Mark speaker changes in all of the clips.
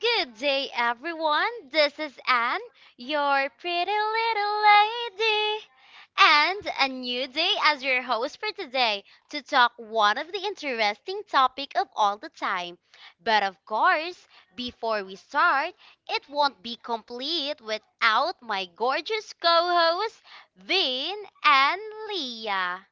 Speaker 1: Good day, everyone. This is Anne, your pretty little lady, and a new day as your host for today to talk one of the interesting topic of all the time. But of course, before we start, it won't be complete without my gorgeous co-hosts Vin and Leah.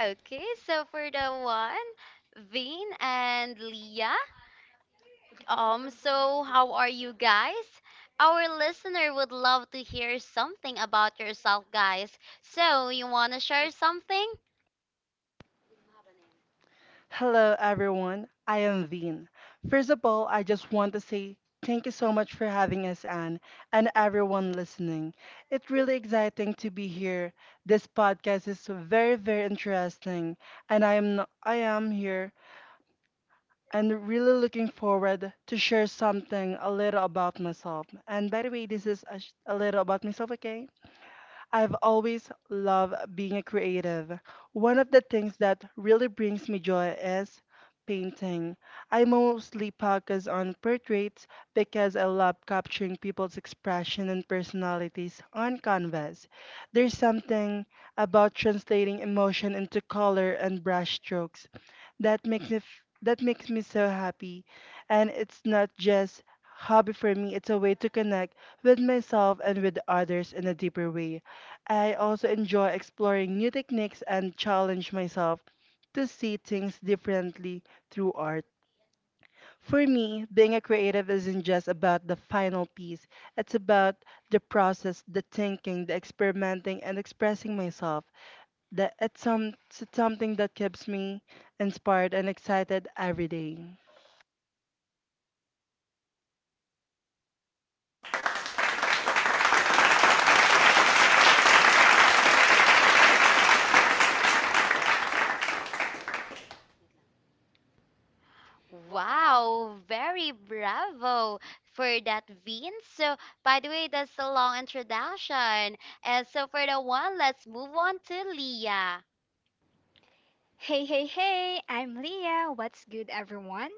Speaker 1: Okay, so for the one, Vin and Leah, so how are you guys? Our listener would love to hear something about yourself, guys. So, you want to share something?
Speaker 2: Hello, everyone. I am Veen. First of all, I just want to say thank you so much for having us, Anne, and everyone listening. It's really exciting to be here. This podcast is very, very interesting, and I am no- I am here and really looking forward to share something a little about myself. And by the way, this is a little about myself, okay? I've always loved being a creative. One of the things that really brings me joy is painting. I mostly focus on portraits because I love capturing people's expression and personalities on canvas. There's something about translating emotion into color and brush strokes that makes me so happy, and it's not just hobby for me. It's a way to connect with myself and with others in a deeper way. I also enjoy exploring new techniques and challenge myself to see things differently through art. For me, being a creative isn't just about the final piece, it's about the process, the thinking, the experimenting, and expressing myself. It's something that keeps me inspired and excited every day.
Speaker 1: Wow, very bravo for that, Vin. So, by the way, that's a long introduction. And so, for the one, let's move on to Leah.
Speaker 3: Hey, hey, hey! I'm Leah. What's good, everyone?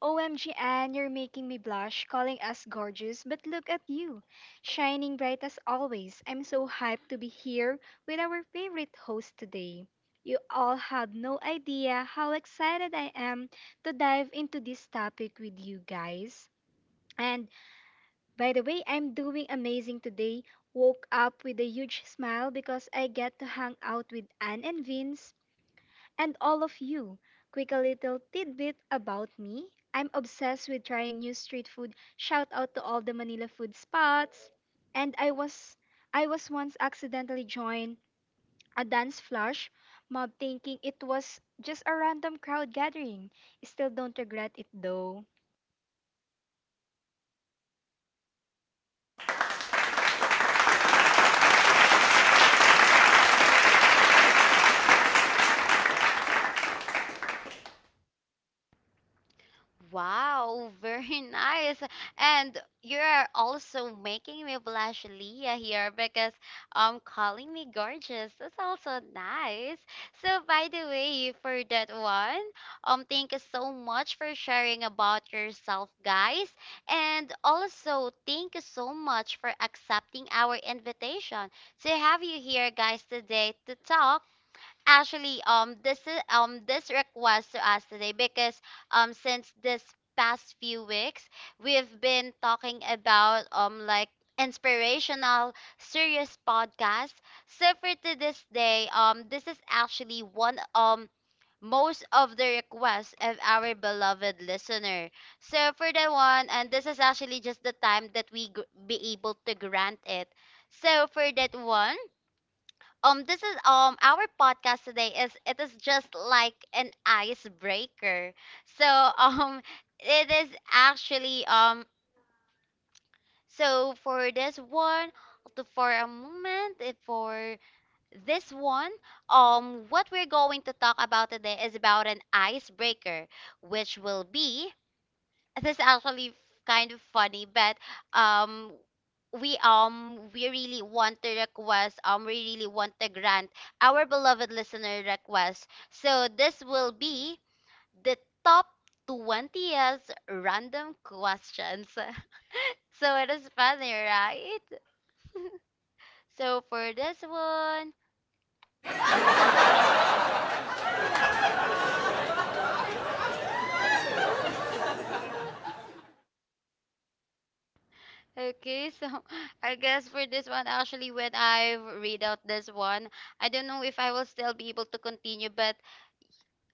Speaker 3: OMG, Anne, you're making me blush calling us gorgeous, but look at you. Shining bright as always. I'm so hyped to be here with our favorite host today. You all have no idea how excited I am to dive into this topic with you guys. And by the way, I'm doing amazing today. Woke up with a huge smile because I get to hang out with Anne and Vince and all of you, quick a little tidbit about me. I'm obsessed with trying new street food. Shout out to all the Manila food spots. And I was once accidentally joined a dance flash mob thinking it was just a random crowd gathering. Still don't regret it though.
Speaker 1: Wow, very nice. And you are also making me blush, Leah, here because calling me gorgeous. That's also nice. So by the way, for that one, thank you so much for sharing about yourself, guys. And also thank you so much for accepting our invitation to have you here guys today to talk. Actually, this is this request to us today because since this past few weeks we've been talking about like inspirational serious podcasts. So for to this day, this is actually one most of the requests of our beloved listener. So for the one, and this is actually just the time that we be able to grant it. So for that one. This is our podcast today is it is just like an icebreaker. So um, it is actually so for this one for a moment for this one what we're going to talk about today is about an icebreaker which will be this is actually kind of funny, but um, we really want to request we really want to grant our beloved listener request. So this will be the top 20th random questions. So it is funny, right? So for this one, okay, so I guess for this one, actually, when I read out this one, I don't know if I will still be able to continue, but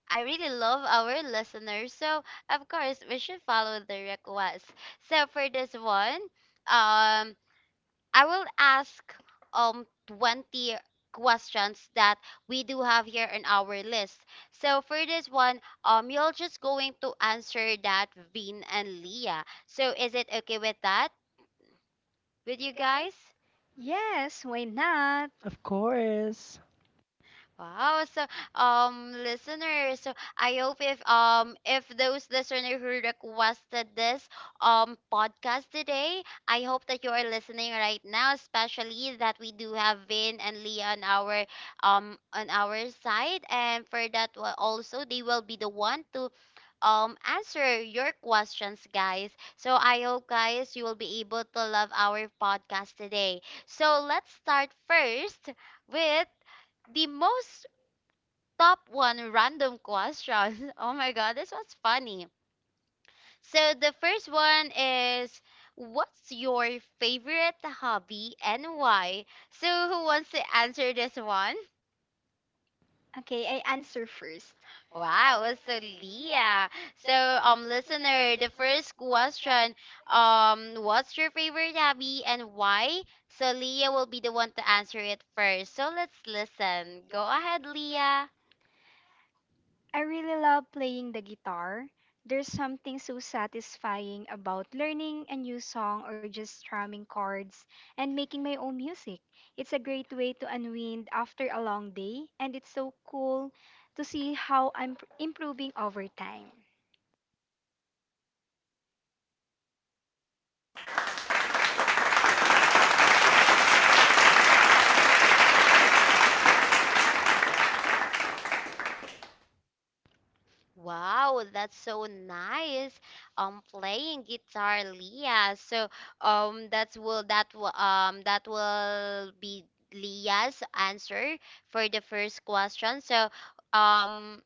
Speaker 1: I really love our listeners. So, of course, we should follow the request. So, for this one, um, I will ask 20 questions that we do have here in our list. So, for this one, you're just going to answer that Vin and Leah. So, is it okay with that with you guys?
Speaker 3: Yes, why not?
Speaker 2: Of course,
Speaker 1: Wow. So, listeners, so I hope if those listeners who requested this podcast today, I hope that you are listening right now, especially that we do have Vin and Lee on our side, and for that also they will be the one to answer your questions guys, so I hope guys you will be able to love our podcast today. So let's start first with the most top one random question. Oh my god, this one's funny. So the first one is, what's your favorite hobby and why? So who wants to answer this one?
Speaker 3: Okay, I answer first.
Speaker 1: Wow, so Leah. So listener, the first question, what's your favorite hobby and why? So Leah will be the one to answer it first. So let's listen. Go ahead, Leah.
Speaker 3: I really love playing the guitar. There's something so satisfying about learning a new song or just strumming chords and making my own music. It's a great way to unwind after a long day, and it's so cool to see how I'm improving over time.
Speaker 1: Wow, that's so nice. Playing guitar, Leah. So, that will be Leah's answer for the first question. So, um,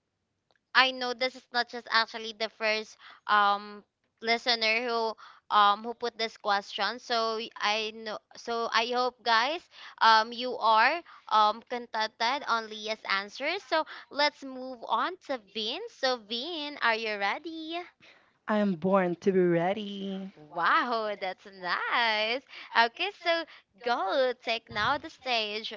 Speaker 1: I know this is not just actually the first um listener who put this question. So I know, so I hope guys you are contented on Leah's answers. So let's move on to Vin. So Vin, are you ready?
Speaker 2: I am born to be ready.
Speaker 1: Wow, that's nice. Okay, so go take now the stage.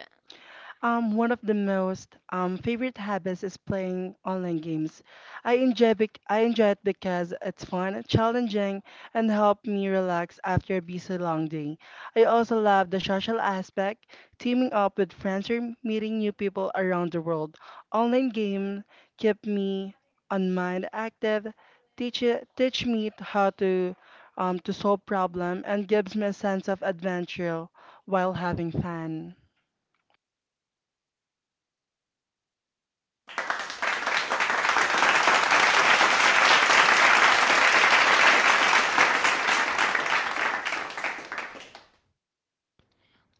Speaker 2: One of the most favorite habits is playing online games. I enjoy it because it's fun, challenging, and help me relax after a busy long day. I also love the social aspect, teaming up with friends or meeting new people around the world. Online game keep me on mind active, teach me how to solve problem and gives me a sense of adventure while having fun.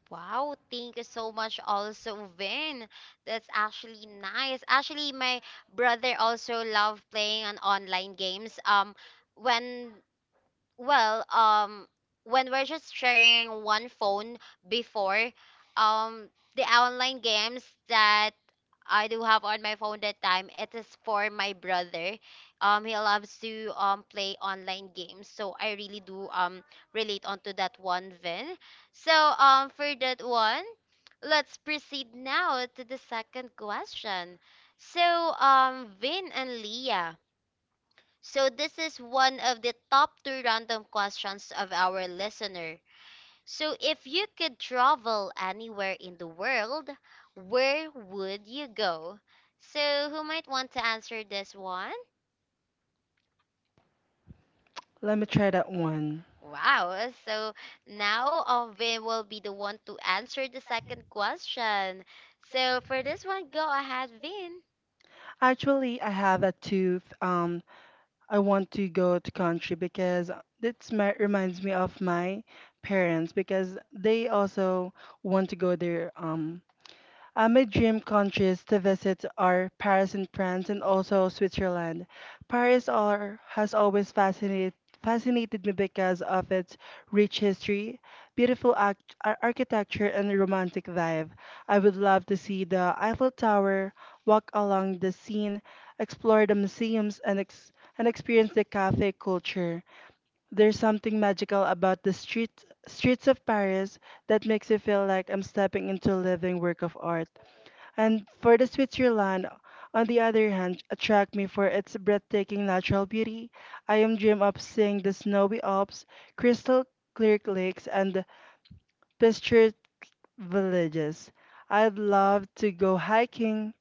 Speaker 1: Wow, thank you so much also, Vin. That's actually nice. Actually, my brother also love playing on online games. When well, when we're just sharing one phone before, um, the online games that I do have on my phone that time, it is for my brother. He loves to play online games, so I really do relate onto that one, Vin. So for that one, let's proceed now to the second question. So Vin and Leah. So this is one of the top two random questions of our listener. So if you could travel anywhere in the world, where would you go? So who might want to answer this one?
Speaker 2: Let me try that one.
Speaker 1: Wow. So now we will be the one to answer the second question. So for this one, go ahead, Vin.
Speaker 2: Actually, I have a tooth. I want to go to country because that's my reminds me of my parents because they also want to go there. My dream countries to visit are Paris in France and also Switzerland. Has always fascinated me because of its rich history, architecture, and romantic vibe. I would love to see the Eiffel Tower, walk along the Seine, explore the museums, and experience the cafe culture. There's something magical about streets of Paris that makes you feel like I'm stepping into a living work of art. And for the Switzerland, on the other hand, attract me for its breathtaking natural beauty. I am dream of seeing the snowy Alps, crystal clear lakes, and pictured villages. I'd love to go hiking,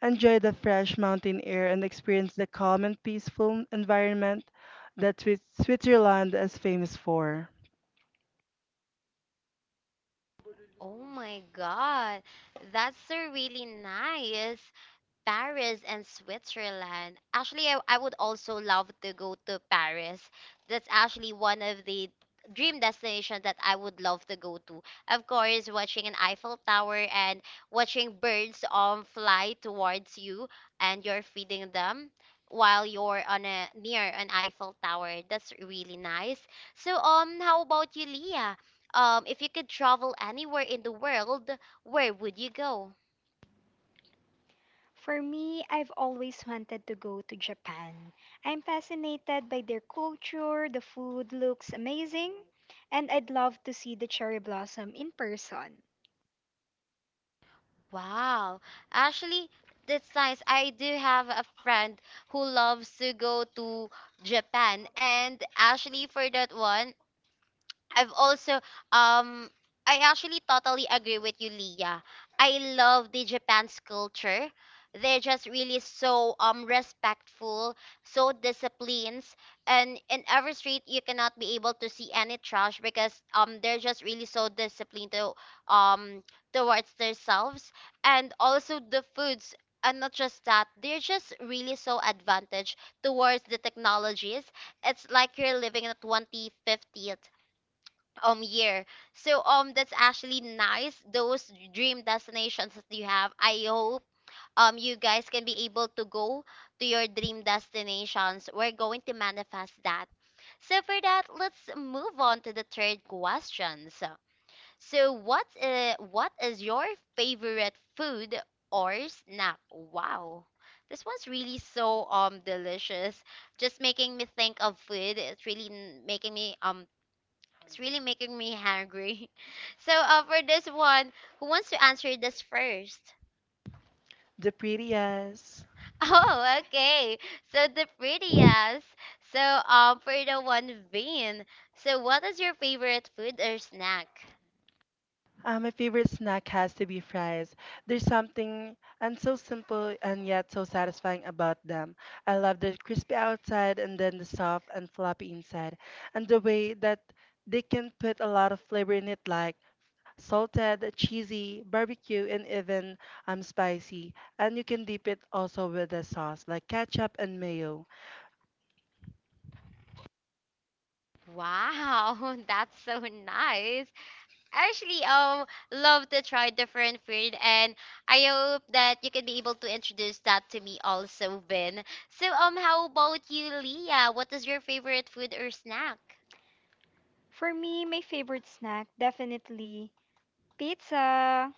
Speaker 2: enjoy the fresh mountain air, and experience the calm and peaceful environment that Switzerland is famous for.
Speaker 1: Oh my God, that's so really nice. Paris and Switzerland. Actually, I would also love to go to Paris. That's actually one of the dream destinations that I would love to go to. Of course, watching an Eiffel Tower and watching birds fly towards you and you're feeding them while you're on a near an Eiffel Tower. That's really nice. So how about you, Leah? If you could travel anywhere in the world, where would you go?
Speaker 3: For me, I've always wanted to go to Japan. I'm fascinated by their culture, the food looks amazing, and I'd love to see the cherry blossom in person.
Speaker 1: Wow. Actually, that's nice. I do have a friend who loves to go to Japan. And actually, for that one, I've also um I actually totally agree with you, Leah. I love the Japan's culture. They're just really so respectful, so disciplined, and in every street you cannot be able to see any trash because they're just really so disciplined to um towards themselves and also the foods. And not just that, they're just really so advantaged towards the technologies. It's like you're living in the 2050th year. So that's actually nice. Those dream destinations that you have. I hope you guys can be able to go to your dream destinations. We're going to manifest that. So for that, let's move on to the third question. So, so what is your favorite food or snack? Wow. This one's really so delicious. Just making me think of food. It's really making me it's really making me hungry. So, for this one, who wants to answer this first?
Speaker 2: The prettiest.
Speaker 1: Oh, okay. So the prettiest. So, for the one bean. So, what is your favorite food or snack?
Speaker 2: My favorite snack has to be fries. There's something and so simple and yet so satisfying about them. I love the crispy outside and then the soft and floppy inside, and the way that they can put a lot of flavor in it, like salted, cheesy, barbecue, and even spicy. And you can dip it also with a sauce like ketchup and mayo.
Speaker 1: Wow, that's so nice. I actually love to try different food, and I hope that you can be able to introduce that to me also, Vin. So, how about you, Leah? What is your favorite food or snack?
Speaker 3: For me, my favorite snack definitely pizza.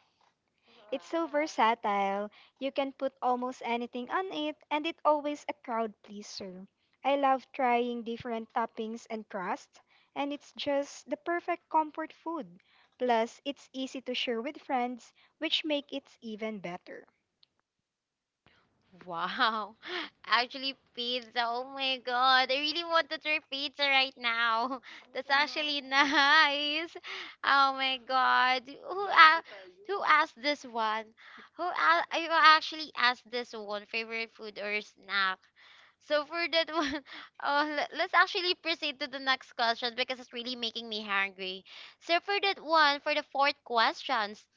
Speaker 3: It's so versatile. You can put almost anything on it and it's always a crowd pleaser. I love trying different toppings and crust, and it's just the perfect comfort food. Plus, it's easy to share with friends, which make it even better.
Speaker 1: Wow. Actually, pizza. Oh my god. I really want to try pizza right now. That's actually nice. Oh my god. Who who asked this one? Who you actually asked this one? Favorite food or snack? So for that one, let's actually proceed to the next question because it's really making me hungry. So for that one, for the fourth questions,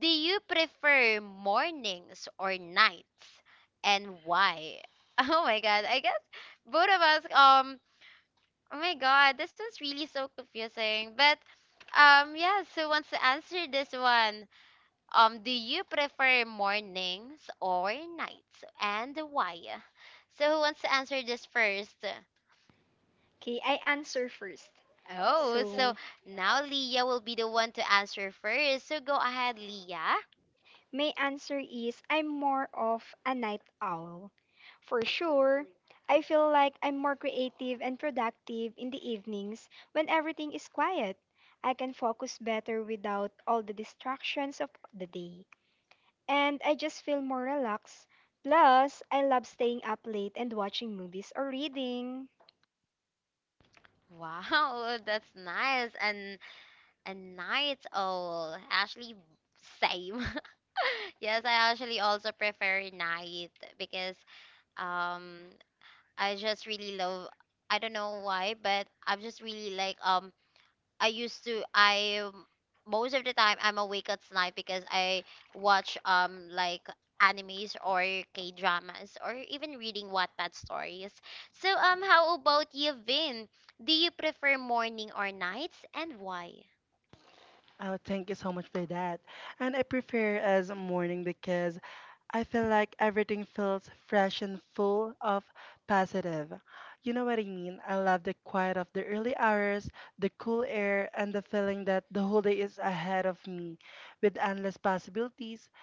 Speaker 1: do you prefer mornings or nights, and why? Oh my God, I guess both of us. Oh my God, this one's really so confusing. But yeah. So who wants to answer this one? Do you prefer mornings or nights, and why? So who wants to answer this first?
Speaker 3: Okay, I answer first.
Speaker 1: Oh, so
Speaker 3: so
Speaker 1: now Leah will be the one to answer first. So go ahead, Leah.
Speaker 3: My answer is I'm more of a night owl. For sure, I feel like I'm more creative and productive in the evenings when everything is quiet. I can focus better without all the distractions of the day. And I just feel more relaxed. Plus, I love staying up late and watching movies or reading.
Speaker 1: Wow, that's nice. And a night owl. Actually, same. Yes, I actually also prefer night because um I just really love I don't know why, but I'm just really like I used to I most of the time I'm awake at night because I watch like animes or K dramas or even reading Wattpad stories. So how about you, Vin? Do you prefer morning or nights and why?
Speaker 2: Oh, thank you so much for that. And I prefer as morning because I feel like everything feels fresh and full of positive. You know what I mean? I love the quiet of the early hours, the cool air, and the feeling that the whole day is ahead of me with endless possibilities.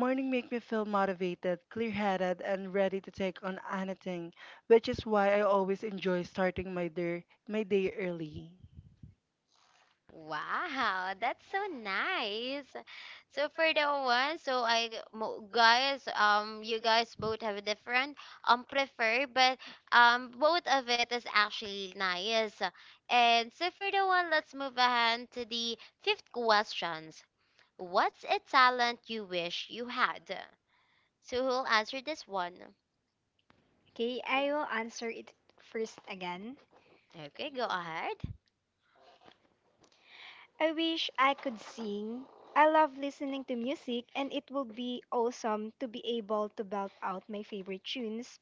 Speaker 2: Morning make me feel motivated, clear-headed, and ready to take on anything, which is why I always enjoy starting my day early.
Speaker 1: Wow, that's so nice. So for the one, so guys, you guys both have a different prefer, but both of it is actually nice. And so for the one, let's move ahead to the fifth questions. What's a talent you wish you had? So who'll answer this one?
Speaker 3: Okay, I will answer it first again.
Speaker 1: Okay, go ahead.
Speaker 3: I wish I could sing. I love listening to music, and it would be awesome to be able to belt out my favorite tunes.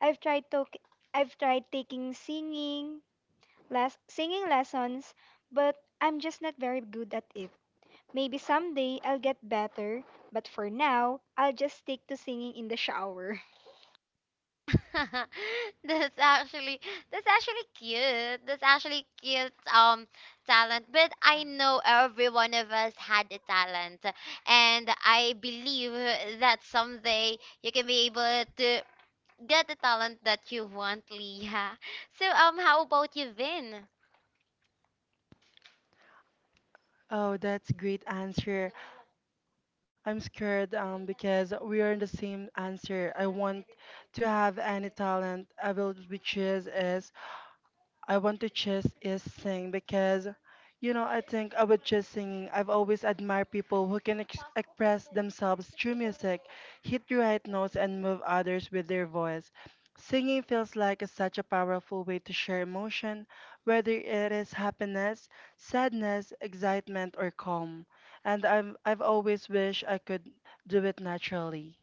Speaker 3: I've tried to, I've tried taking less singing lessons, but I'm just not very good at it. Maybe someday I'll get better, but for now, I'll just stick to singing in the shower.
Speaker 1: that's actually that's actually cute. That's actually cute talent. But I know every one of us had a talent and I believe that someday you can be able to get the talent that you want, Leah. So how about you, Vin?
Speaker 2: Oh, that's great answer. I'm scared because we are in the same answer. I want to have any talent. I will be choose as I want to just is sing because, you know, I think about just singing, I've always admired people who express themselves through music, hit the right notes, and move others with their voice. Singing feels like it's such a powerful way to share emotion, whether it is happiness, sadness, excitement, or calm. I've always wished I could do it naturally.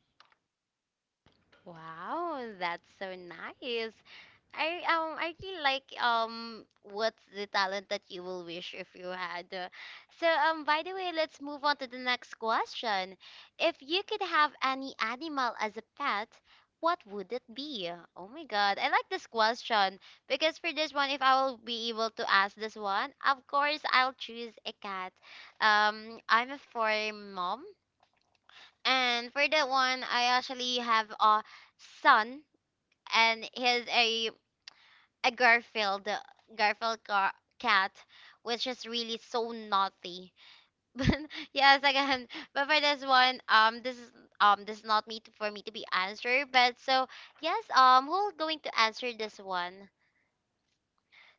Speaker 1: Wow, that's so nice. I really like what's the talent that you will wish if you had. So by the way, let's move on to the next question. If you could have any animal as a pet, what would it be? Oh my God, I like this question because for this one, if I will be able to ask this one, of course I'll choose a cat. I'm a furry mom. And for that one, I actually have a son, and he has a Garfield Garfield gar cat, which is really so naughty. But yes, again, but for this one, this is not me to, for me to be answered. But so yes, who's going to answer this one?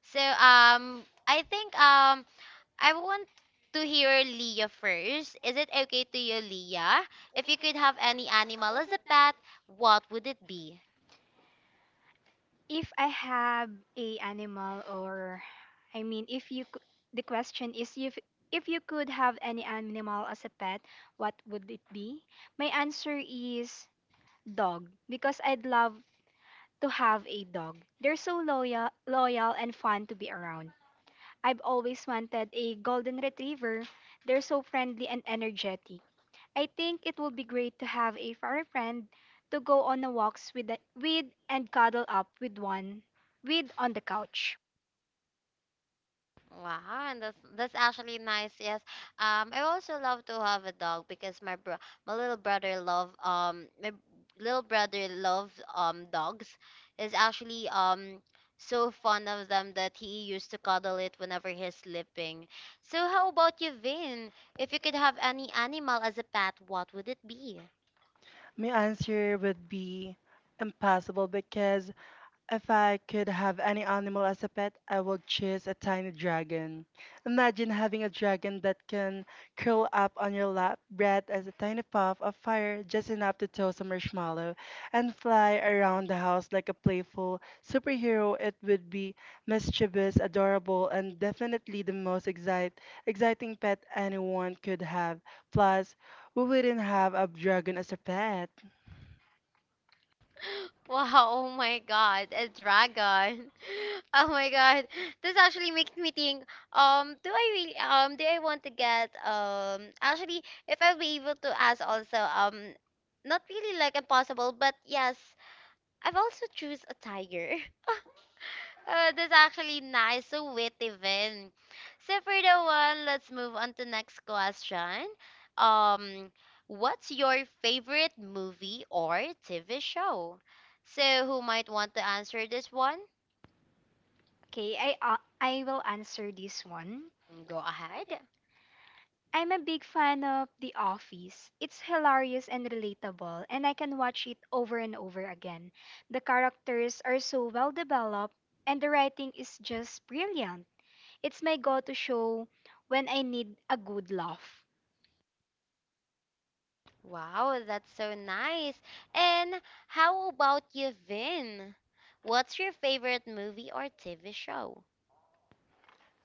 Speaker 1: So I think I want to hear Leah first. Is it okay to you, Leah? If you could have any animal as a pet, what would it be?
Speaker 3: If I have a animal or if you cou- the question is if you could have any animal as a pet, what would it be? My answer is dog because I'd love to have a dog. They're so loyal, loyal and fun to be around. I've always wanted a golden retriever. They're so friendly and energetic. I think it would be great to have a furry friend to go on a walks with and cuddle up with one with on the couch.
Speaker 1: Wow, and that's actually nice. Yes. I also love to have a dog because my little brother love my b- little brother loves dogs. Is actually so fond of them that he used to cuddle it whenever he's sleeping. So how about you, Vin? If you could have any animal as a pet, what would it be?
Speaker 2: My answer would be impossible because if I could have any animal as a pet, I would choose a tiny dragon. Imagine having a dragon that can curl up on your lap, breathe as a tiny puff of fire just enough to toast a marshmallow, and fly around the house like a playful superhero. It would be mischievous, adorable, and definitely exciting pet anyone could have. Plus, we wouldn't have a dragon as a pet.
Speaker 1: Wow, oh my god, a dragon. Oh my god. This actually makes me think, do I really do I want to get actually if I'll be able to ask also, not really like impossible, but yes, I've also choose a tiger. Oh, that's actually nice. So witty, Vin. So for the one, let's move on to next question. Um, what's your favorite movie or TV show? So who might want to answer this one?
Speaker 3: Okay, I will answer this one.
Speaker 1: Go ahead.
Speaker 3: I'm a big fan of The Office. It's hilarious and relatable, and I can watch it over and over again. The characters are so well developed, and the writing is just brilliant. It's my go to show when I need a good laugh.
Speaker 1: Wow, that's so nice. And how about you, Vin? What's your favorite movie or TV show?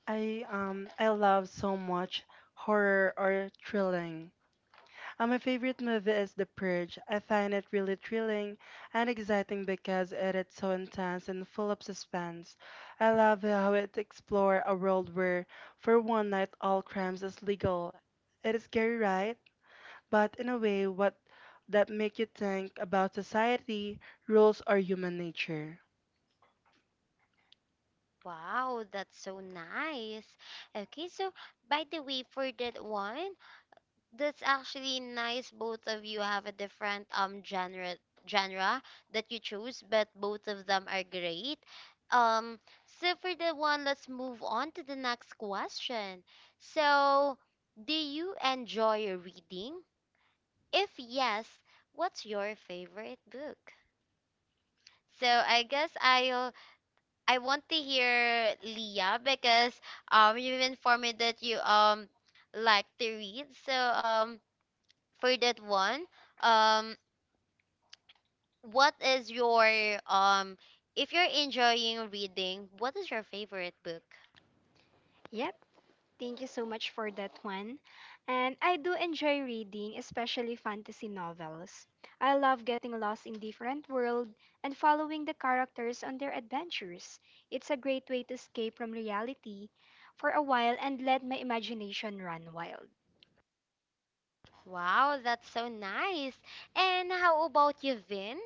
Speaker 2: I love so much horror or thrilling. My favorite movie is The Purge. I find it really thrilling and exciting because it is so intense and full of suspense. I love how it explores a world where, for one night, all crimes is legal. It is scary, right? But in a way, what that make you think about society, rules, or human nature.
Speaker 1: Wow, that's so nice. Okay, so by the way, for that one. That's actually nice. Both of you have a different genre that you choose, but both of them are great. Um, so for the one, let's move on to the next question. So, do you enjoy reading? If yes, what's your favorite book? So I want to hear Leah because you've informed me that you like to read. So for that one, um, what is your um if you're enjoying reading, what is your favorite book?
Speaker 3: Yep, thank you so much for that one. And I do enjoy reading, especially fantasy novels. I love getting lost in different world and following the characters on their adventures. It's a great way to escape from reality for a while and let my imagination run wild.
Speaker 1: Wow, that's so nice. And how about you, Vin?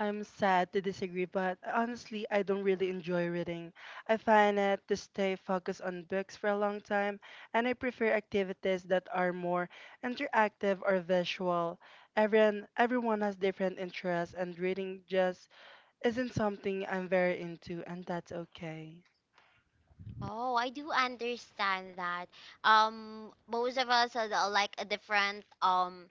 Speaker 2: I'm sad to disagree, but honestly, I don't really enjoy reading. I find it to stay focused on books for a long time, and I prefer activities that are more interactive or visual. Everyone has different interests, and reading just isn't something I'm very into, and that's okay.
Speaker 1: Oh, I do understand that. Most of us are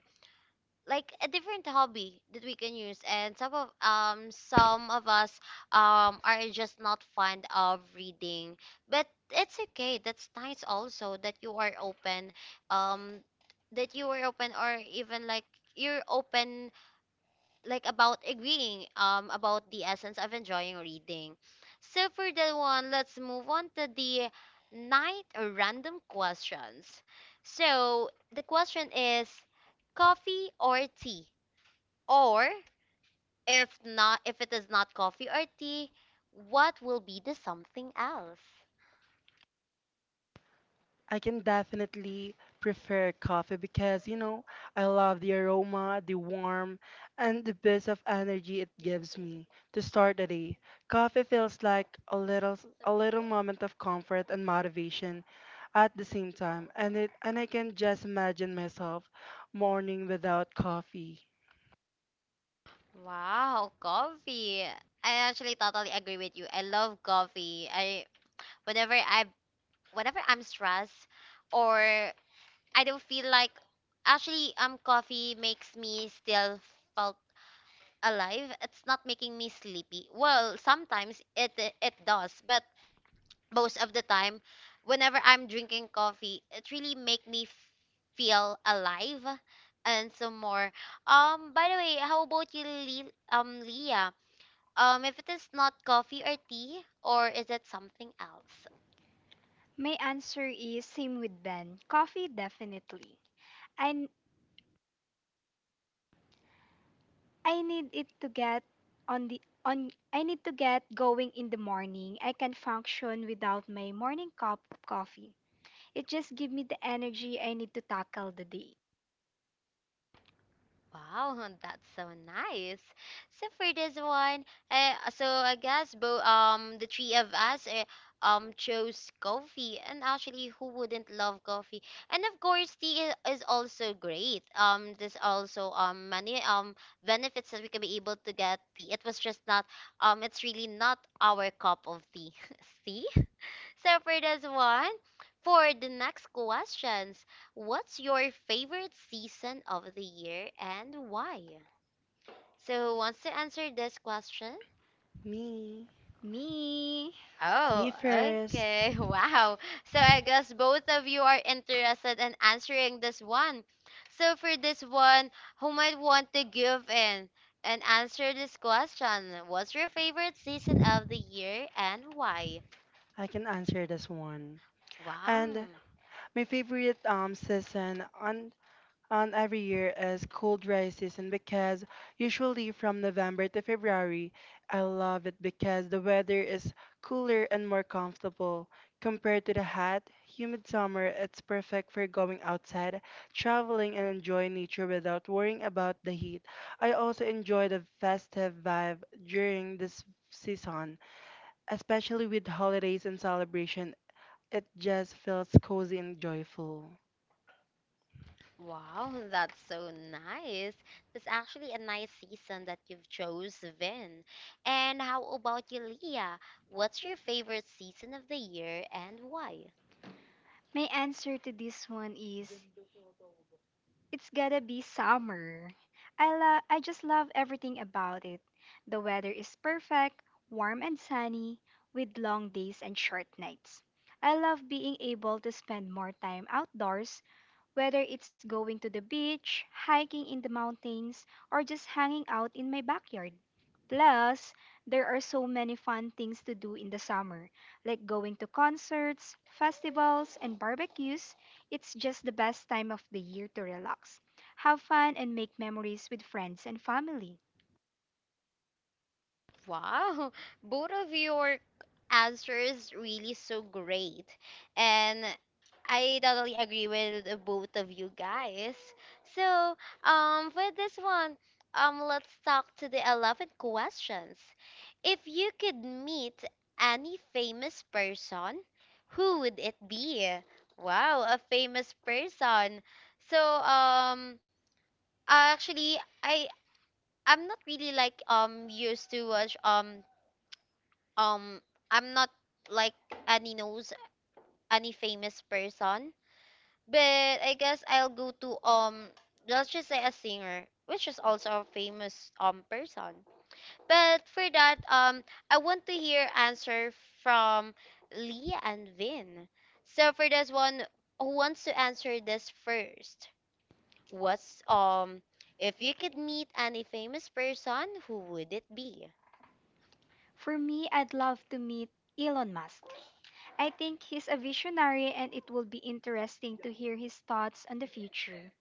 Speaker 1: like a different hobby that we can use and some of us are just not fond of reading, but it's okay. That's nice also that you are open, um that you are open, or even like you're open like about agreeing about the essence of enjoying reading. So for that one, let's move on to the night or random questions. So the question is coffee or tea, or if not, if it is not coffee or tea, what will be the something else?
Speaker 2: I can definitely prefer coffee because, you know, I love the aroma, the warmth, and the bit of energy it gives me to start the day. Coffee feels like a little moment of comfort and motivation at the same time, and I can just imagine myself morning without coffee.
Speaker 1: Wow, coffee. I actually totally agree with you. I love coffee. I whenever I Whenever I'm stressed or I don't feel like actually coffee makes me still felt alive. It's not making me sleepy. Well, sometimes it does, but most of the time whenever I'm drinking coffee it really feel alive and some more. By the way, how about you, leah? Um, if it is not coffee or tea, or is it something else?
Speaker 3: My answer is same with Ben. Coffee definitely. I I need it to get on the on I need to get going in the morning. I can function without my morning cup of coffee. It just gives me the energy I need to tackle the day.
Speaker 1: Wow, that's so nice. So for this one, so I guess both the three of us chose coffee, and actually, who wouldn't love coffee? And of course, tea is also great. There's also many benefits that we can be able to get tea. It was just not it's really not our cup of tea. See? So for this one, for the next questions, what's your favorite season of the year and why? So who wants to answer this question?
Speaker 2: Me,
Speaker 3: Me.
Speaker 2: Me
Speaker 1: Oh,
Speaker 2: first.
Speaker 1: okay. Wow. So I guess both of you are interested in answering this one. So for this one, who might want to give in and answer this question? What's your favorite season of the year and why?
Speaker 2: I can answer this one.
Speaker 1: Wow.
Speaker 2: And my favorite season on every year as cold dry season because usually from November to February, I love it because the weather is cooler and more comfortable. Compared to the hot, humid summer, it's perfect for going outside, traveling, and enjoying nature without worrying about the heat. I also enjoy the festive vibe during this season, especially with holidays and celebration. It just feels cozy and joyful.
Speaker 1: Wow, that's so nice. That's actually a nice season that you've chose, Vin. And how about you, Leah? What's your favorite season of the year and why?
Speaker 3: My answer to this one is it's gotta be summer. I just love everything about it. The weather is perfect, warm and sunny, with long days and short nights. I love being able to spend more time outdoors whether it's going to the beach, hiking in the mountains, or just hanging out in my backyard. Plus, there are so many fun things to do in the summer, like going to concerts, festivals, and barbecues. It's just the best time of the year to relax, have fun, and make memories with friends and family.
Speaker 1: Wow, both of your answers really so great. And I totally agree with both of you guys. So, for this one, let's talk to the 11th questions. If you could meet any famous person, who would it be? Wow, a famous person. So, actually I'm not really like used to watch um I'm not like any knows any famous person, but I guess I'll go to let's just say a singer, which is also a famous person. But for that, I want to hear answer from Lee and Vin. So for this one, who wants to answer this first? What's if you could meet any famous person, who would it be?
Speaker 3: For me, I'd love to meet Elon Musk. I think he's a visionary, and it will be interesting to hear his thoughts on the future.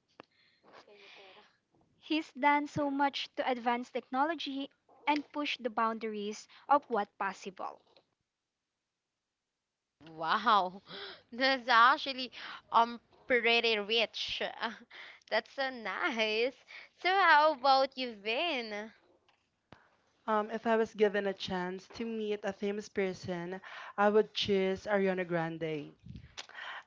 Speaker 3: He's done so much to advance technology and push the boundaries of what's possible.
Speaker 1: Wow, that's actually um pretty rich. That's so nice. So how about you, Vin?
Speaker 2: If I was given a chance to meet a famous person, I would choose Ariana Grande.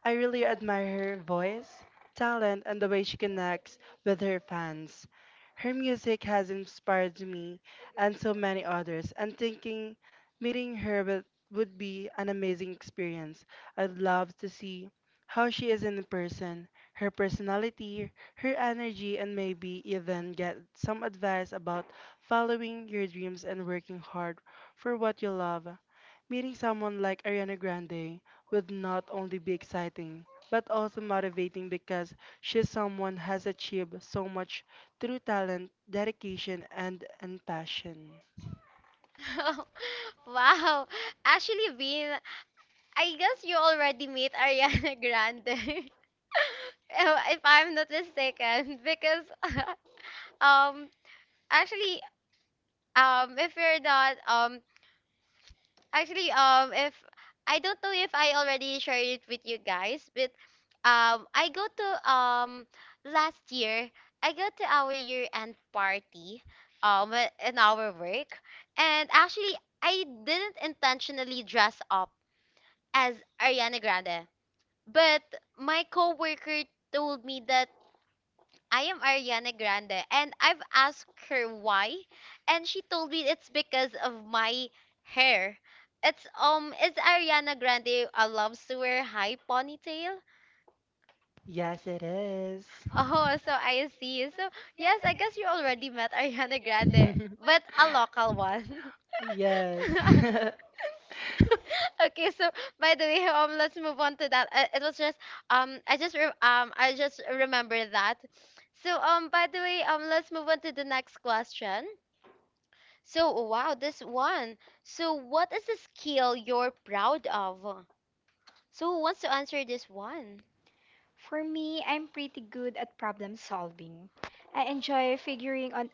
Speaker 2: I really admire her voice, talent, and the way she connects with her fans. Her music has inspired me and so many others, and thinking meeting her would be an amazing experience. I'd love to see how she is in person, her personality, her energy, and maybe even get some advice about following your dreams and working hard for what you love. Meeting someone like Ariana Grande will not only be exciting but also motivating because she's someone has achieved so much through talent, dedication, and passion.
Speaker 1: Wow, actually, Vin, I guess you already meet Ariana Grande. If I'm not mistaken, because um actually if you're not Actually, if I don't know if I already shared it with you guys, but I go to last year I go to our year end party in our work, and actually I didn't intentionally dress up as Ariana Grande, but my coworker told me that I am Ariana Grande, and I've asked her why, and she told me it's because of my hair. It's is Ariana Grande loves to wear high ponytail?
Speaker 2: Yes, it is.
Speaker 1: Oh, so I see. So
Speaker 2: Yes,
Speaker 1: yes,
Speaker 2: we
Speaker 1: I guess you already met Ariana Grande, but a local one.
Speaker 2: Grande. Yes.
Speaker 1: Okay, so by the way, let's move on to that. It was just I just remember that. So by the way, let's move on to the next question. So, wow, this one. So, what is a skill you're proud of? So, who wants to answer this one?
Speaker 3: For me, I'm pretty good at problem solving. I enjoy figuring on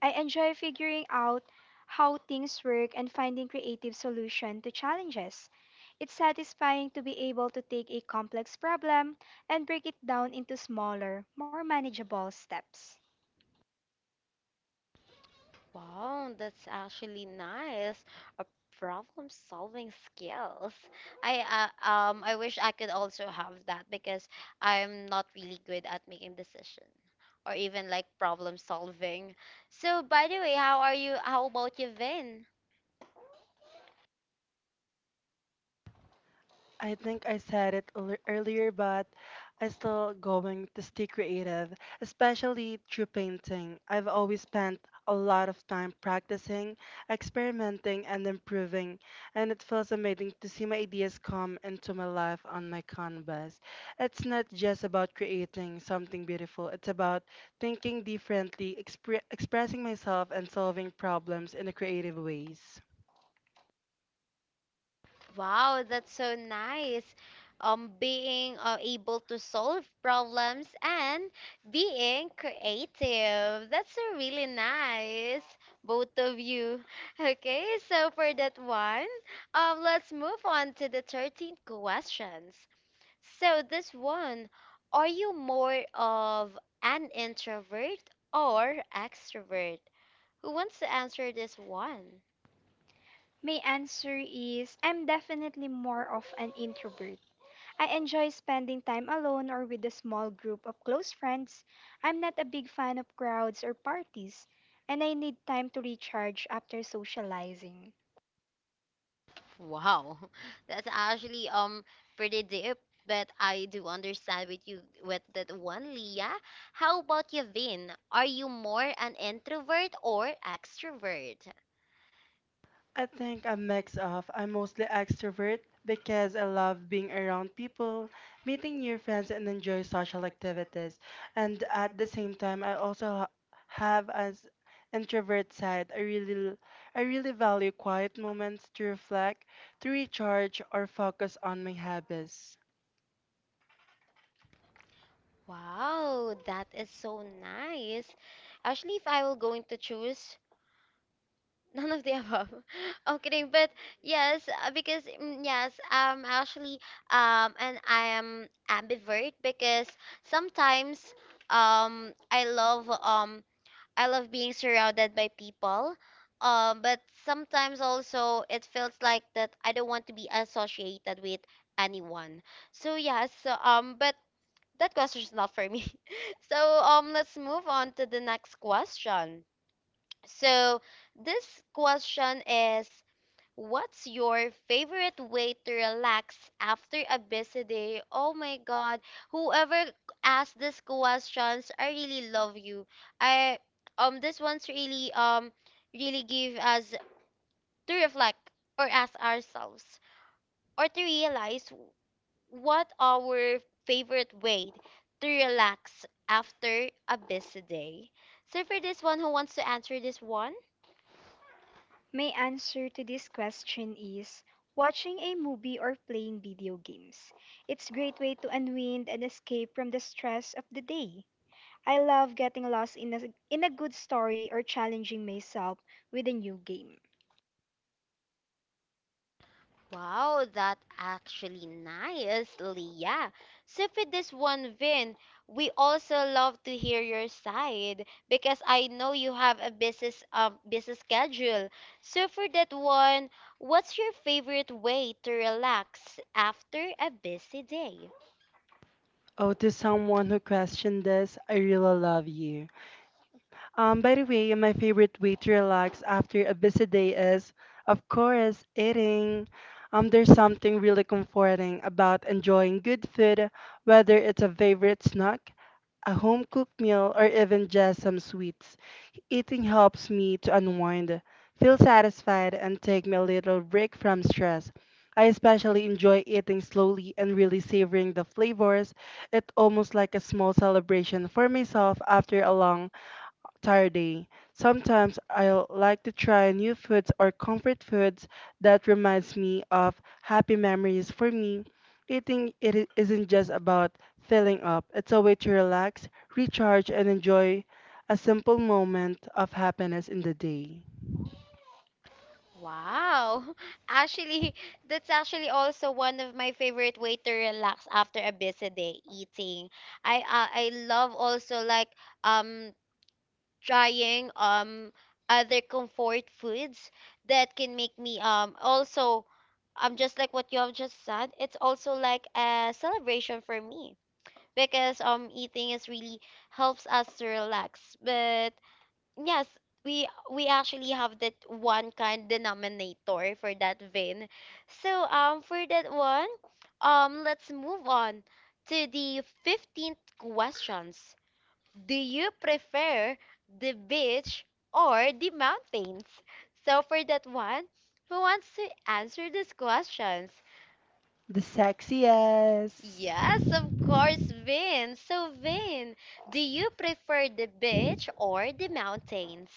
Speaker 3: I enjoy figuring out how things work and finding creative solution to challenges. It's satisfying to be able to take a complex problem and break it down into smaller, more manageable steps.
Speaker 1: Wow, that's actually nice. A problem solving skills. I wish I could also have that because I'm not really good at making decision or even like problem solving. So, by the way, how are you? How about you, Vin?
Speaker 2: I think I said earlier, but I'm still going to stay creative, especially through painting. I've always spent a lot of time practicing, experimenting, and improving, and it feels amazing to see my ideas come into my life on my canvas. It's not just about creating something beautiful, it's about thinking differently, expressing myself, and solving problems in a creative ways.
Speaker 1: Wow, that's so nice. Being able to solve problems and being creative. That's so really nice, both of you. Okay, so for that one, let's move on to the 13th questions. So this one, are you more of an introvert or extrovert? Who wants to answer this one?
Speaker 3: My answer is I'm definitely more of an introvert. I enjoy spending time alone or with a small group of close friends. I'm not a big fan of crowds or parties, and I need time to recharge after socializing.
Speaker 1: Wow, that's actually pretty deep, but I do understand with you with that one, Leah. How about you, Vin? Are you more an introvert or extrovert?
Speaker 2: I think a mix of. I'm mostly extrovert because I love being around people, meeting new friends, and enjoy social activities. And at the same time, have as introvert side. I really value quiet moments to reflect, to recharge, or focus on my habits.
Speaker 1: Wow, that is so nice. Actually, if I were going to choose none of the above, I'm kidding. But yes, because mm, yes, actually, and I am ambivert because sometimes um I love um I love being surrounded by people. But sometimes also it feels like that I don't want to be associated with anyone. So yes, so, but that question is not for me. So let's move on to the next question. So this question is, what's your favorite way to relax after a busy day? Oh my god, whoever asked these questions, I really love you. I This one's really really give us to reflect or ask ourselves or to realize what our favorite way to relax after a busy day. So for this one, who wants to answer this one?
Speaker 3: My answer to this question is watching a movie or playing video games. It's a great way to unwind and escape from the stress of the day. I love getting lost in a good story or challenging myself with a new game.
Speaker 1: Wow, that actually nice, Leah. So for this one, Vin, we also love to hear your side because I know you have a business schedule. So for that one, what's your favorite way to relax after a busy day?
Speaker 2: Oh, to someone who questioned this, I really love you. By the way, my favorite way to relax after a busy day is, of course, eating. There's something really comforting about enjoying good food, whether it's a favorite snack, a home cooked meal, or even just some sweets. Eating helps me to unwind, feel satisfied, and take me a little break from stress. I especially enjoy eating slowly and really savoring the flavors. It's almost like a small celebration for myself after a long tired day. Sometimes I like to try new foods or comfort foods that reminds me of happy memories. For me, isn't just about filling up. It's a way to relax, recharge, and enjoy a simple moment of happiness in the day.
Speaker 1: Wow. Actually, that's actually also one of my favorite way to relax after a busy day, eating. I love also like um trying other comfort foods that can make me also just like what you have just said. It's also like a celebration for me because eating is really helps us to relax, but yes, we actually have that one kind denominator for that vein. So for that one, let's move on to the 15th questions. Do you prefer the beach or the mountains? So, for that one, who wants to answer these questions?
Speaker 2: The sexiest.
Speaker 1: Yes, of course, Vin. So, Vin, do you prefer the beach or the mountains?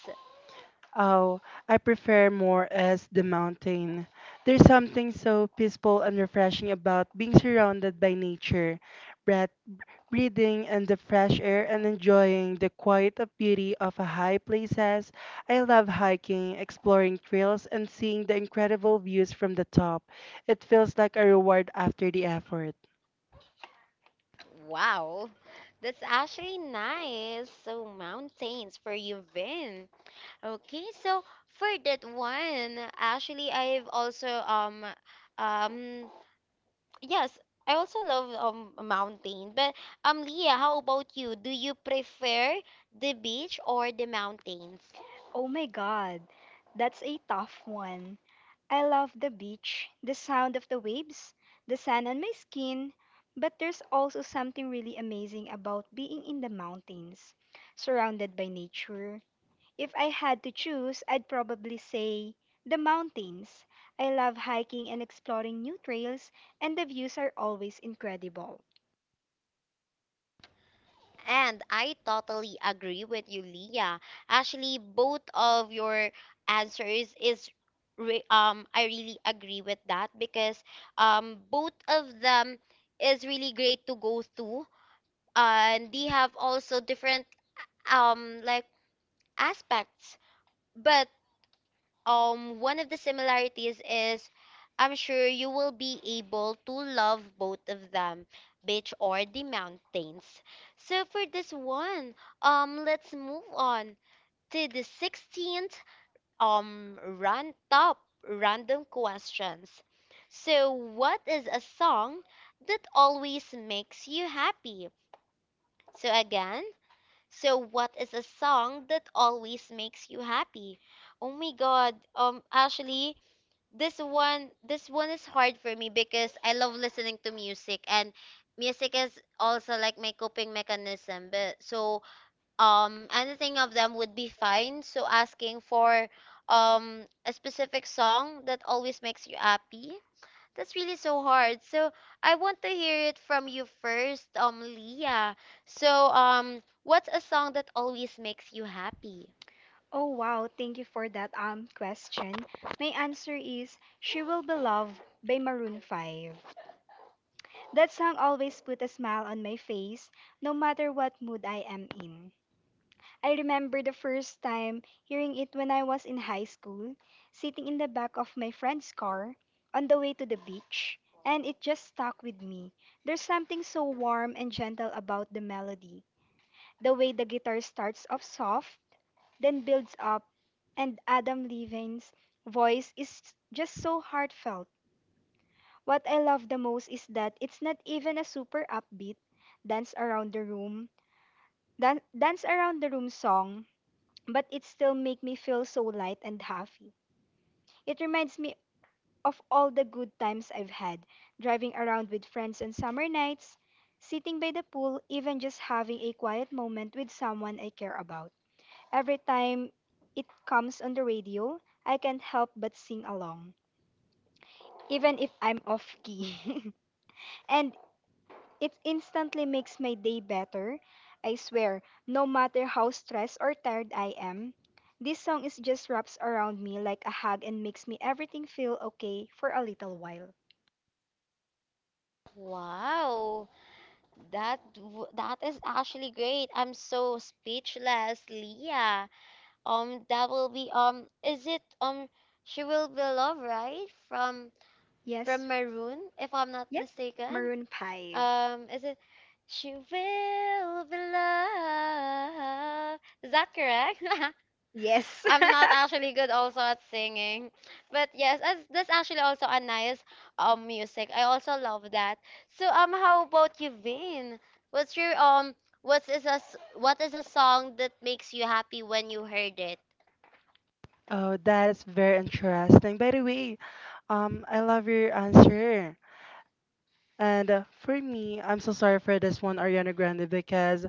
Speaker 2: Oh, I prefer more as the mountain. There's something so peaceful and refreshing about being surrounded by nature, breath, breathing and the fresh air and enjoying the quiet of beauty of a high places. I love hiking, exploring trails and seeing the incredible views from the top. It feels like a reward after the effort.
Speaker 1: Wow, that's actually nice. So, mountains for you, Vin. Okay, so for that one, actually, I've also um yes, I also love a mountain. But Leah, how about you? Do you prefer the beach or the mountains?
Speaker 3: Oh my god, that's a tough one. I love the beach, the sound of the waves, the sun on my skin, but there's also something really amazing about being in the mountains, surrounded by nature. If I had to choose, I'd probably say the mountains. I love hiking and exploring new trails, and the views are always incredible.
Speaker 1: And I totally agree with you, Leah. Actually, both of your answers is re I really agree with that because both of them is really great to go through, and they have also different like aspects. But one of the similarities is I'm sure you will be able to love both of them, beach or the mountains. So for this one, let's move on to the 16th run top random questions. So what is a song that always makes you happy? So again, so what is a song that always makes you happy? Oh my God. Actually, this one is hard for me because I love listening to music and music is also like my coping mechanism. But so anything of them would be fine. So asking for a specific song that always makes you happy. That's really so hard. So I want to hear it from you first, Leah. So what's a song that always makes you happy?
Speaker 3: Oh wow, thank you for that question. My answer is She Will Be Loved by Maroon 5. That song always put a smile on my face, no matter what mood I am in. I remember the first time hearing it when I was in high school, sitting in the back of my friend's car on the way to the beach, and it just stuck with me. There's something so warm and gentle about the melody. The way the guitar starts off soft, then builds up, and Adam Levine's voice is just so heartfelt. What I love the most is that it's not even a super upbeat dance around the room, dance around the room song, but it still make me feel so light and happy. It reminds me of all the good times I've had, driving around with friends on summer nights, sitting by the pool, even just having a quiet moment with someone I care about. Every time it comes on the radio, I can't help but sing along, even if I'm off key. and It instantly makes my day better. I swear, no matter how stressed or tired I am, this song is just wraps around me like a hug and makes me everything feel okay for a little while.
Speaker 1: Wow. That is actually great. I'm so speechless, Leah. That will be is it she will be love, right? From
Speaker 3: From yes.
Speaker 1: from
Speaker 3: From
Speaker 1: Maroon, if I'm not
Speaker 3: yep.
Speaker 1: mistaken.
Speaker 3: Maroon 5. It
Speaker 1: Is it She Will Be Loved? Is that correct?
Speaker 3: Yes.
Speaker 1: I'm not actually good also at singing. But yes, that's actually also a nice music. I also love that. So how about you, Vin? What's your what is a song that makes you happy when you heard it?
Speaker 2: Oh, that is very interesting. By the way, I love your answer. And For me, I'm so sorry for this one, Ariana Grande, because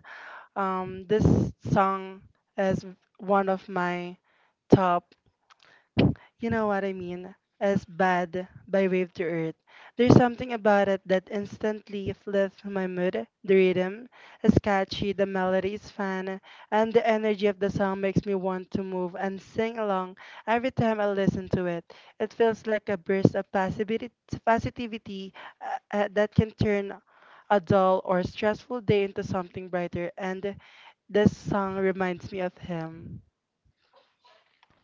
Speaker 2: this song is one of my top, you know what I mean, as bad by Wave to Earth. There's something about it that instantly lifts my mood. The rhythm is catchy, the melody is fun, and the energy of the song makes me want to move and sing along every time I listen to it. It feels like a burst of positivity that can turn a dull or stressful day into something brighter, and this song reminds me of him.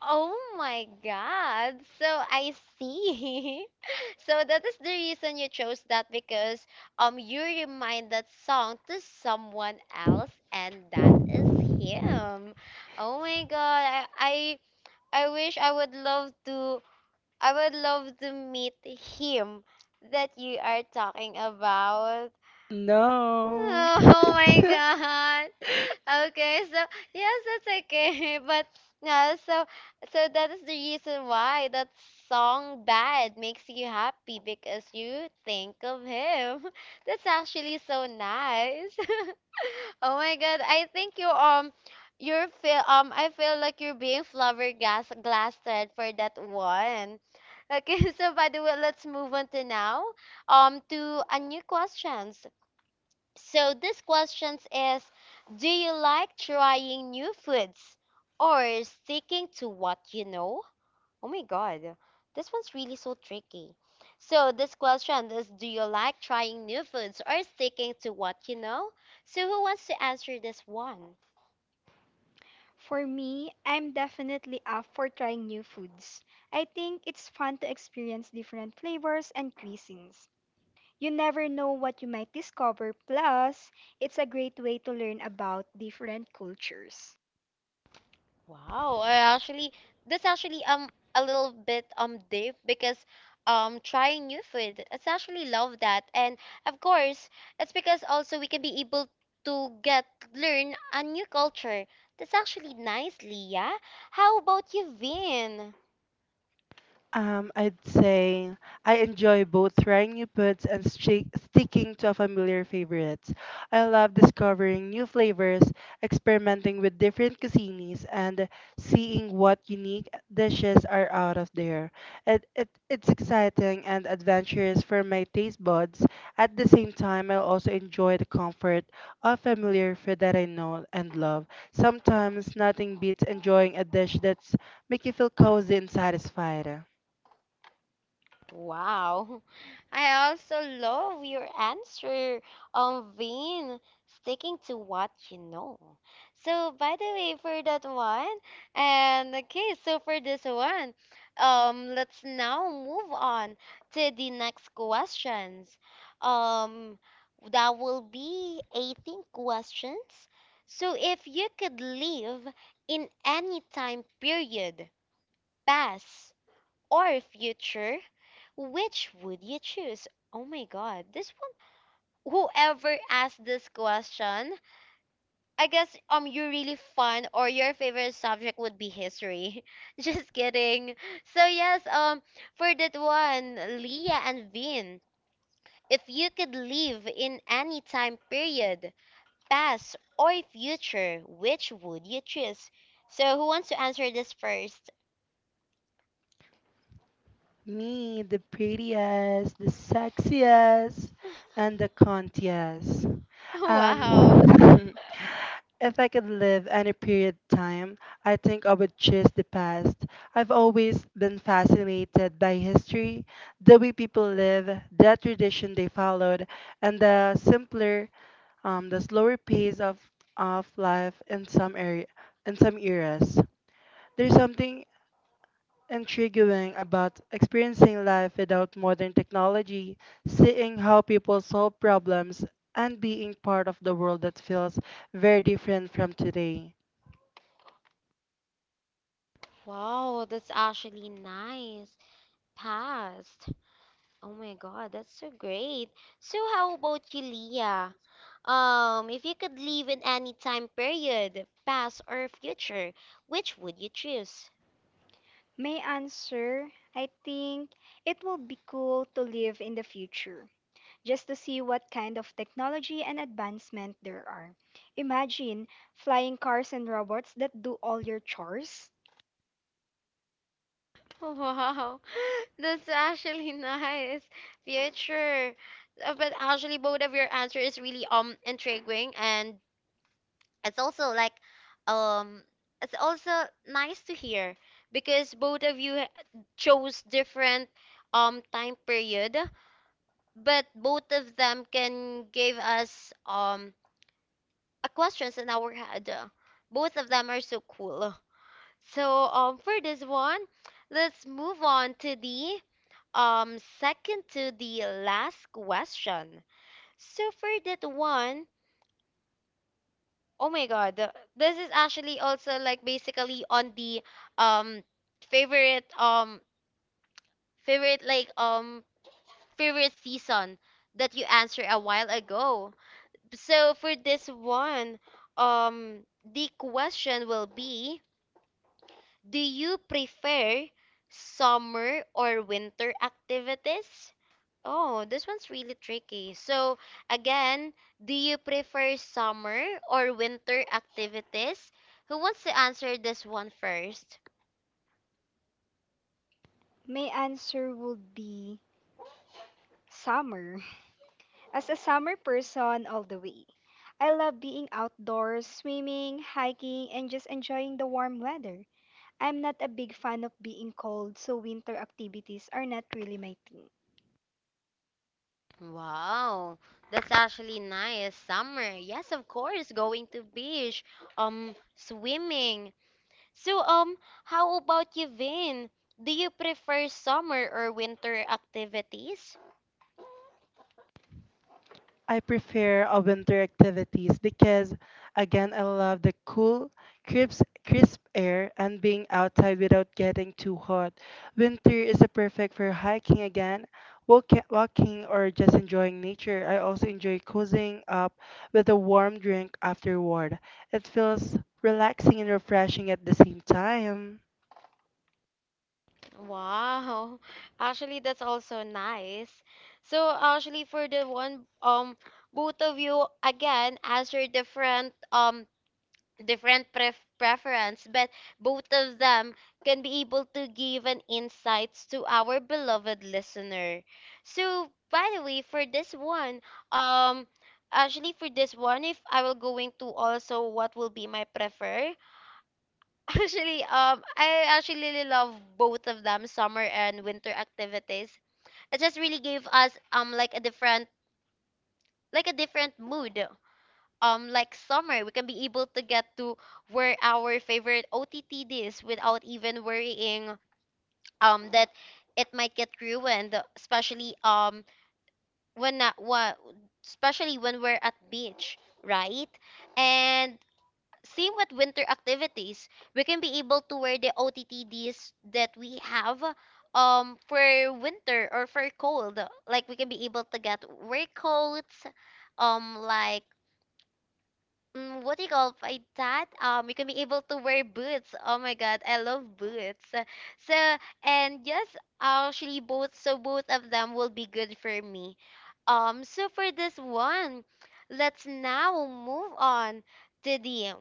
Speaker 1: Oh my God. So I see. So that is the reason you chose that because you remind that song to someone else and that is him. Oh my God. I wish I would love to meet him that you are talking about.
Speaker 2: No.
Speaker 1: Oh my god. Okay, so yes, that's okay. But no, so that is the reason why that song bad makes you happy because you think of him. That's actually so nice. Oh my God, I think you you're feel I feel like you're being flabbergasted for that one. Okay, so by the way, let's move on to now to a new questions. So this questions is, do you like trying new foods or sticking to what you know? Oh my God, this one's really so tricky. So this question is, do you like trying new foods or sticking to what you know? So who wants to answer this one?
Speaker 3: For me, I'm definitely up for trying new foods. I think it's fun to experience different flavors and cuisines. You never know what you might discover, plus, it's a great way to learn about different cultures.
Speaker 1: Wow, I actually this actually a little bit deep because trying new food, it's actually love that. And of course, it's because also we can be able to get learn a new culture. That's actually nicely, yeah? How about you, Vin?
Speaker 2: I'd say I enjoy both trying new foods and sticking to familiar favorites. I love discovering new flavors, experimenting with different cuisines, and seeing what unique dishes are out of there. It's exciting and adventurous for my taste buds. At the same time, I also enjoy the comfort of familiar food that I know and love. Sometimes nothing beats enjoying a dish that's make you feel cozy and satisfied.
Speaker 1: Wow. I also love your answer, on Vin, sticking to what you know. So, by the way, for that one, and okay, so for this one, let's now move on to the next questions. Um, that will be 18 questions. So, if you could live in any time period, past or future, which would you choose? Oh my god, this one. Whoever asked this question, I guess you're really fun or your favorite subject would be history. Just kidding. So yes, for that one, Leah and Vin, if you could live in any time period, past or future, which would you choose? So who wants to answer this first?
Speaker 2: Me, the prettiest, the sexiest, and the contiest.
Speaker 1: Wow.
Speaker 2: Um, if I could live any period of time, I think I would choose the past. I've always been fascinated by history, the way people live, the tradition they followed, and the simpler, the slower pace of life in some area, in some eras. There's something intriguing about experiencing life without modern technology, seeing how people solve problems, and being part of the world that feels very different from today.
Speaker 1: Wow, that's actually nice. Past. Oh my God, that's so great. So how about you, Leah? If you could live in any time period, past or future, which would you choose?
Speaker 3: My answer, I think it will be cool to live in the future, just to see what kind of technology and advancement there are. Imagine flying cars and robots that do all your chores.
Speaker 1: Wow, that's actually nice. Future. But actually, both of your answer is really intriguing, and it's also like um it's also nice to hear because both of you ha- chose different time period, but both of them can give us a questions in our head. Both of them are so cool. So for this one, let's move on to the second to the last question. So for that one, oh my god, this is actually also like basically on the um favorite um favorite like um favorite season that you answered a while ago. So for this one, the question will be, do you prefer summer or winter activities? Oh, this one's really tricky. So again, do you prefer summer or winter activities? Who wants to answer this one first?
Speaker 3: My answer would be summer. As a summer person all the way, I love being outdoors, swimming, hiking, and just enjoying the warm weather. I'm not a big fan of being cold, so winter activities are not really my thing.
Speaker 1: Wow, that's actually nice. Summer, yes, of course, going to beach, swimming. So, how about you, Vin? Do you prefer summer or winter activities?
Speaker 2: I prefer winter activities because, again, I love the crisp air and being outside without getting too hot. Winter is a perfect for hiking again, walking, or just enjoying nature. I also enjoy cozying up with a warm drink afterward. It feels relaxing and refreshing at the same time.
Speaker 1: Wow. Actually, that's also nice. So, actually, for the one, both of you again answered different different preference, but both of them can be able to give an insights to our beloved listener. So, by the way, for this one, um, actually for this one, if I will going to also what will be my prefer, actually, I actually really love both of them, summer and winter activities. It just really gave us like a different mood like summer we can be able to get to where our favorite OTT is without even worrying that it might get ruined, especially when not what especially when we're at beach, right? And same with winter activities, we can be able to wear the OTTDs that we have for winter or for cold, like we can be able to get wear coats like what do you call by that? You can be able to wear boots. Oh my God, I love boots. So, and yes, actually both, so both of them will be good for me. So for this one, let's now move on to the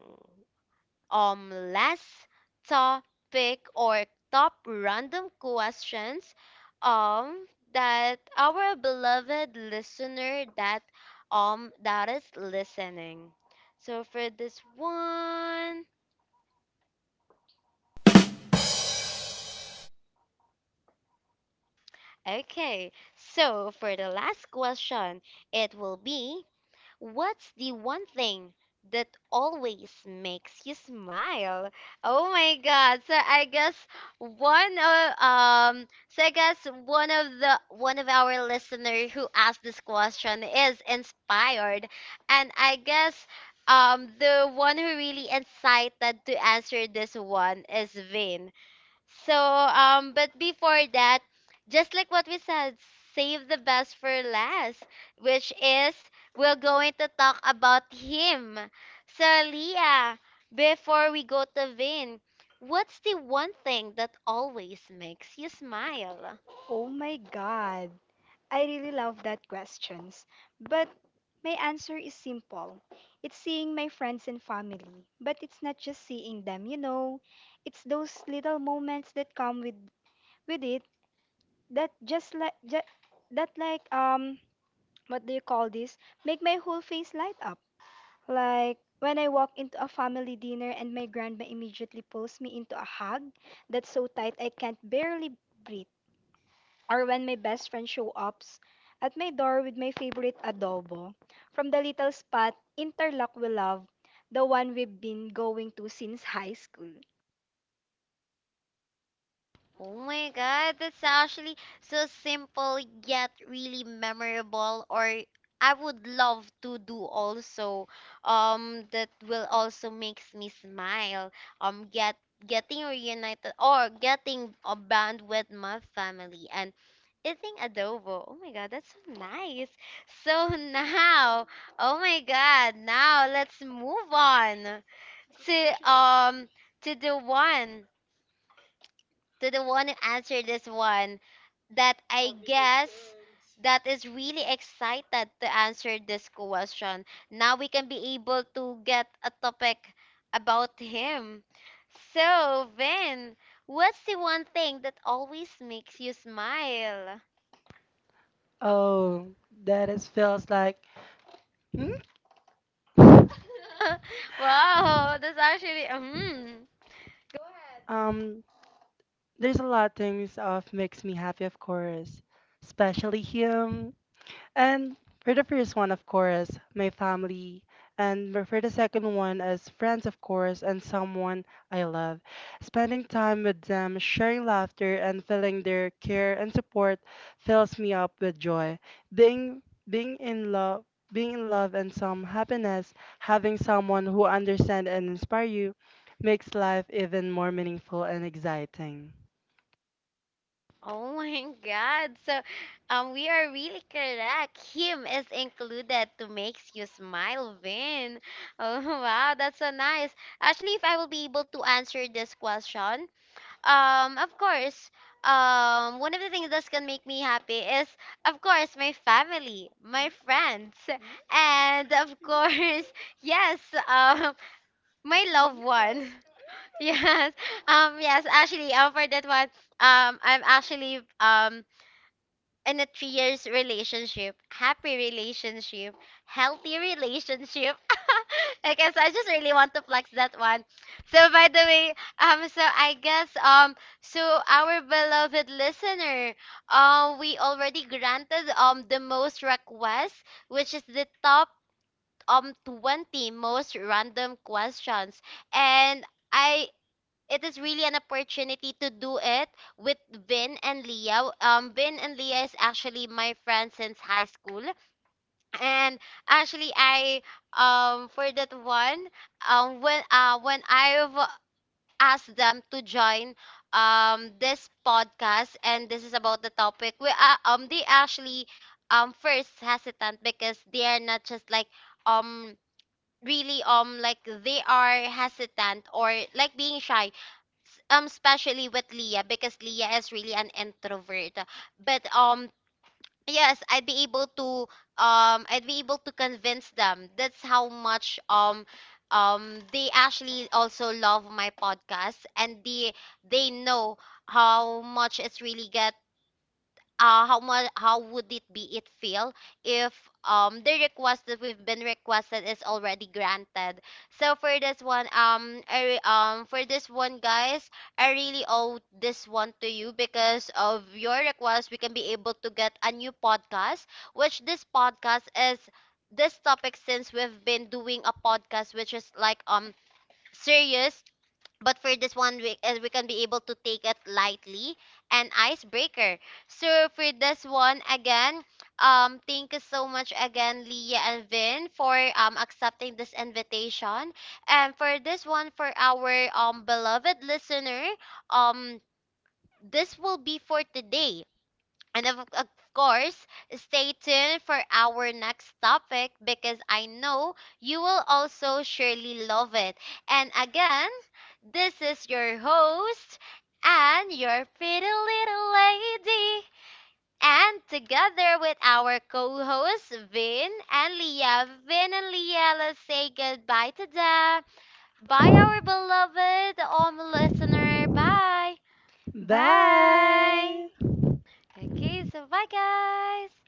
Speaker 1: last topic or top random questions um that our beloved listener, that that is listening. So for this one, okay. So for the last question, it will be, what's the one thing that always makes you smile? Oh my God. So I guess one of so I guess one of our listener who asked this question is inspired and I guess the one who really incited to answer this one is Vin. So, but before that, just like what we said, save the best for last, which is we're going to talk about him. So, Leah, before we go to Vin, what's the one thing that always makes you smile?
Speaker 3: Oh my god, I really love that questions. But my answer is simple. It's seeing my friends and family, but it's not just seeing them, you know. It's those little moments that come with it that just like ju- that like what do you call this, make my whole face light up. Like when I walk into a family dinner and my grandma immediately pulls me into a hug that's so tight I can't barely breathe. Or when my best friend show up at my door with my favorite adobo from the little spot Interlock we love, the one we've been going to since high school.
Speaker 1: Oh my god, that's actually so simple yet really memorable, or I would love to do also. That will also makes me smile. Um get getting reunited or getting a band with my family and eating adobo. Oh my god, that's so nice. So now, oh my god, now let's move on to um to the one to the one who answered this one, that I guess that is really excited to answer this question. Now we can be able to get a topic about him. So, Vin, what's the one thing that always makes you smile?
Speaker 2: Oh, that is feels like. Hmm?
Speaker 1: wow, that's actually mm,
Speaker 2: Um, There's a lot of things of makes me happy, of course, especially him. And for the first one, of course, my family. For the second one is friends, of course, and someone I love. Spending time with them, sharing laughter, and feeling their care and support fills me up with joy. Being being in love, Being in love and some happiness, having someone who understands and inspire you, makes life even more meaningful and exciting.
Speaker 1: oh my God. So, we are really correct. Him is included to makes you smile, Vin. Oh wow, that's so nice. Actually, if I will be able to answer this question, of course, one of the things that can make me happy is, of course, my family, my friends, and of course, yes, um, my loved one. Yes, yes. Actually, for that one, I'm actually in a 3 years relationship, happy relationship, healthy relationship. okay, so I just really want to flex that one. So by the way, so I guess so our beloved listener, we already granted the most requests, which is the top 20 most random questions and. I, it is really an opportunity to do it with Vin and Leah. Vin and Leah is actually my friend since high school, and actually I for that one when I've asked them to join this podcast and this is about the topic we they actually first hesitant because they are not just like um really like they are hesitant or like being shy especially with Leah because Leah is really an introvert. But yes, I'd be able to convince them. That's how much they actually also love my podcast and they know how much it's really get how would it be it feel if the request that we've been requested is already granted. So for this one for this one guys, I really owe this one to you because of your request we can be able to get a new podcast, which this podcast is this topic, since we've been doing a podcast which is like serious, but for this one, we can be able to take it lightly and icebreaker. So for this one, again, thank you so much again, Leah and Vin, for accepting this invitation. And for this one, for our beloved listener, um, this will be for today. And of course, stay tuned for our next topic because I know you will also surely love it. And again, this is your host, and your pretty little lady. And together with our co hosts, Vin and Leah, let's say goodbye to them. Bye, our beloved listener. Bye.
Speaker 3: Bye!
Speaker 2: Bye.
Speaker 1: Okay, so bye, guys.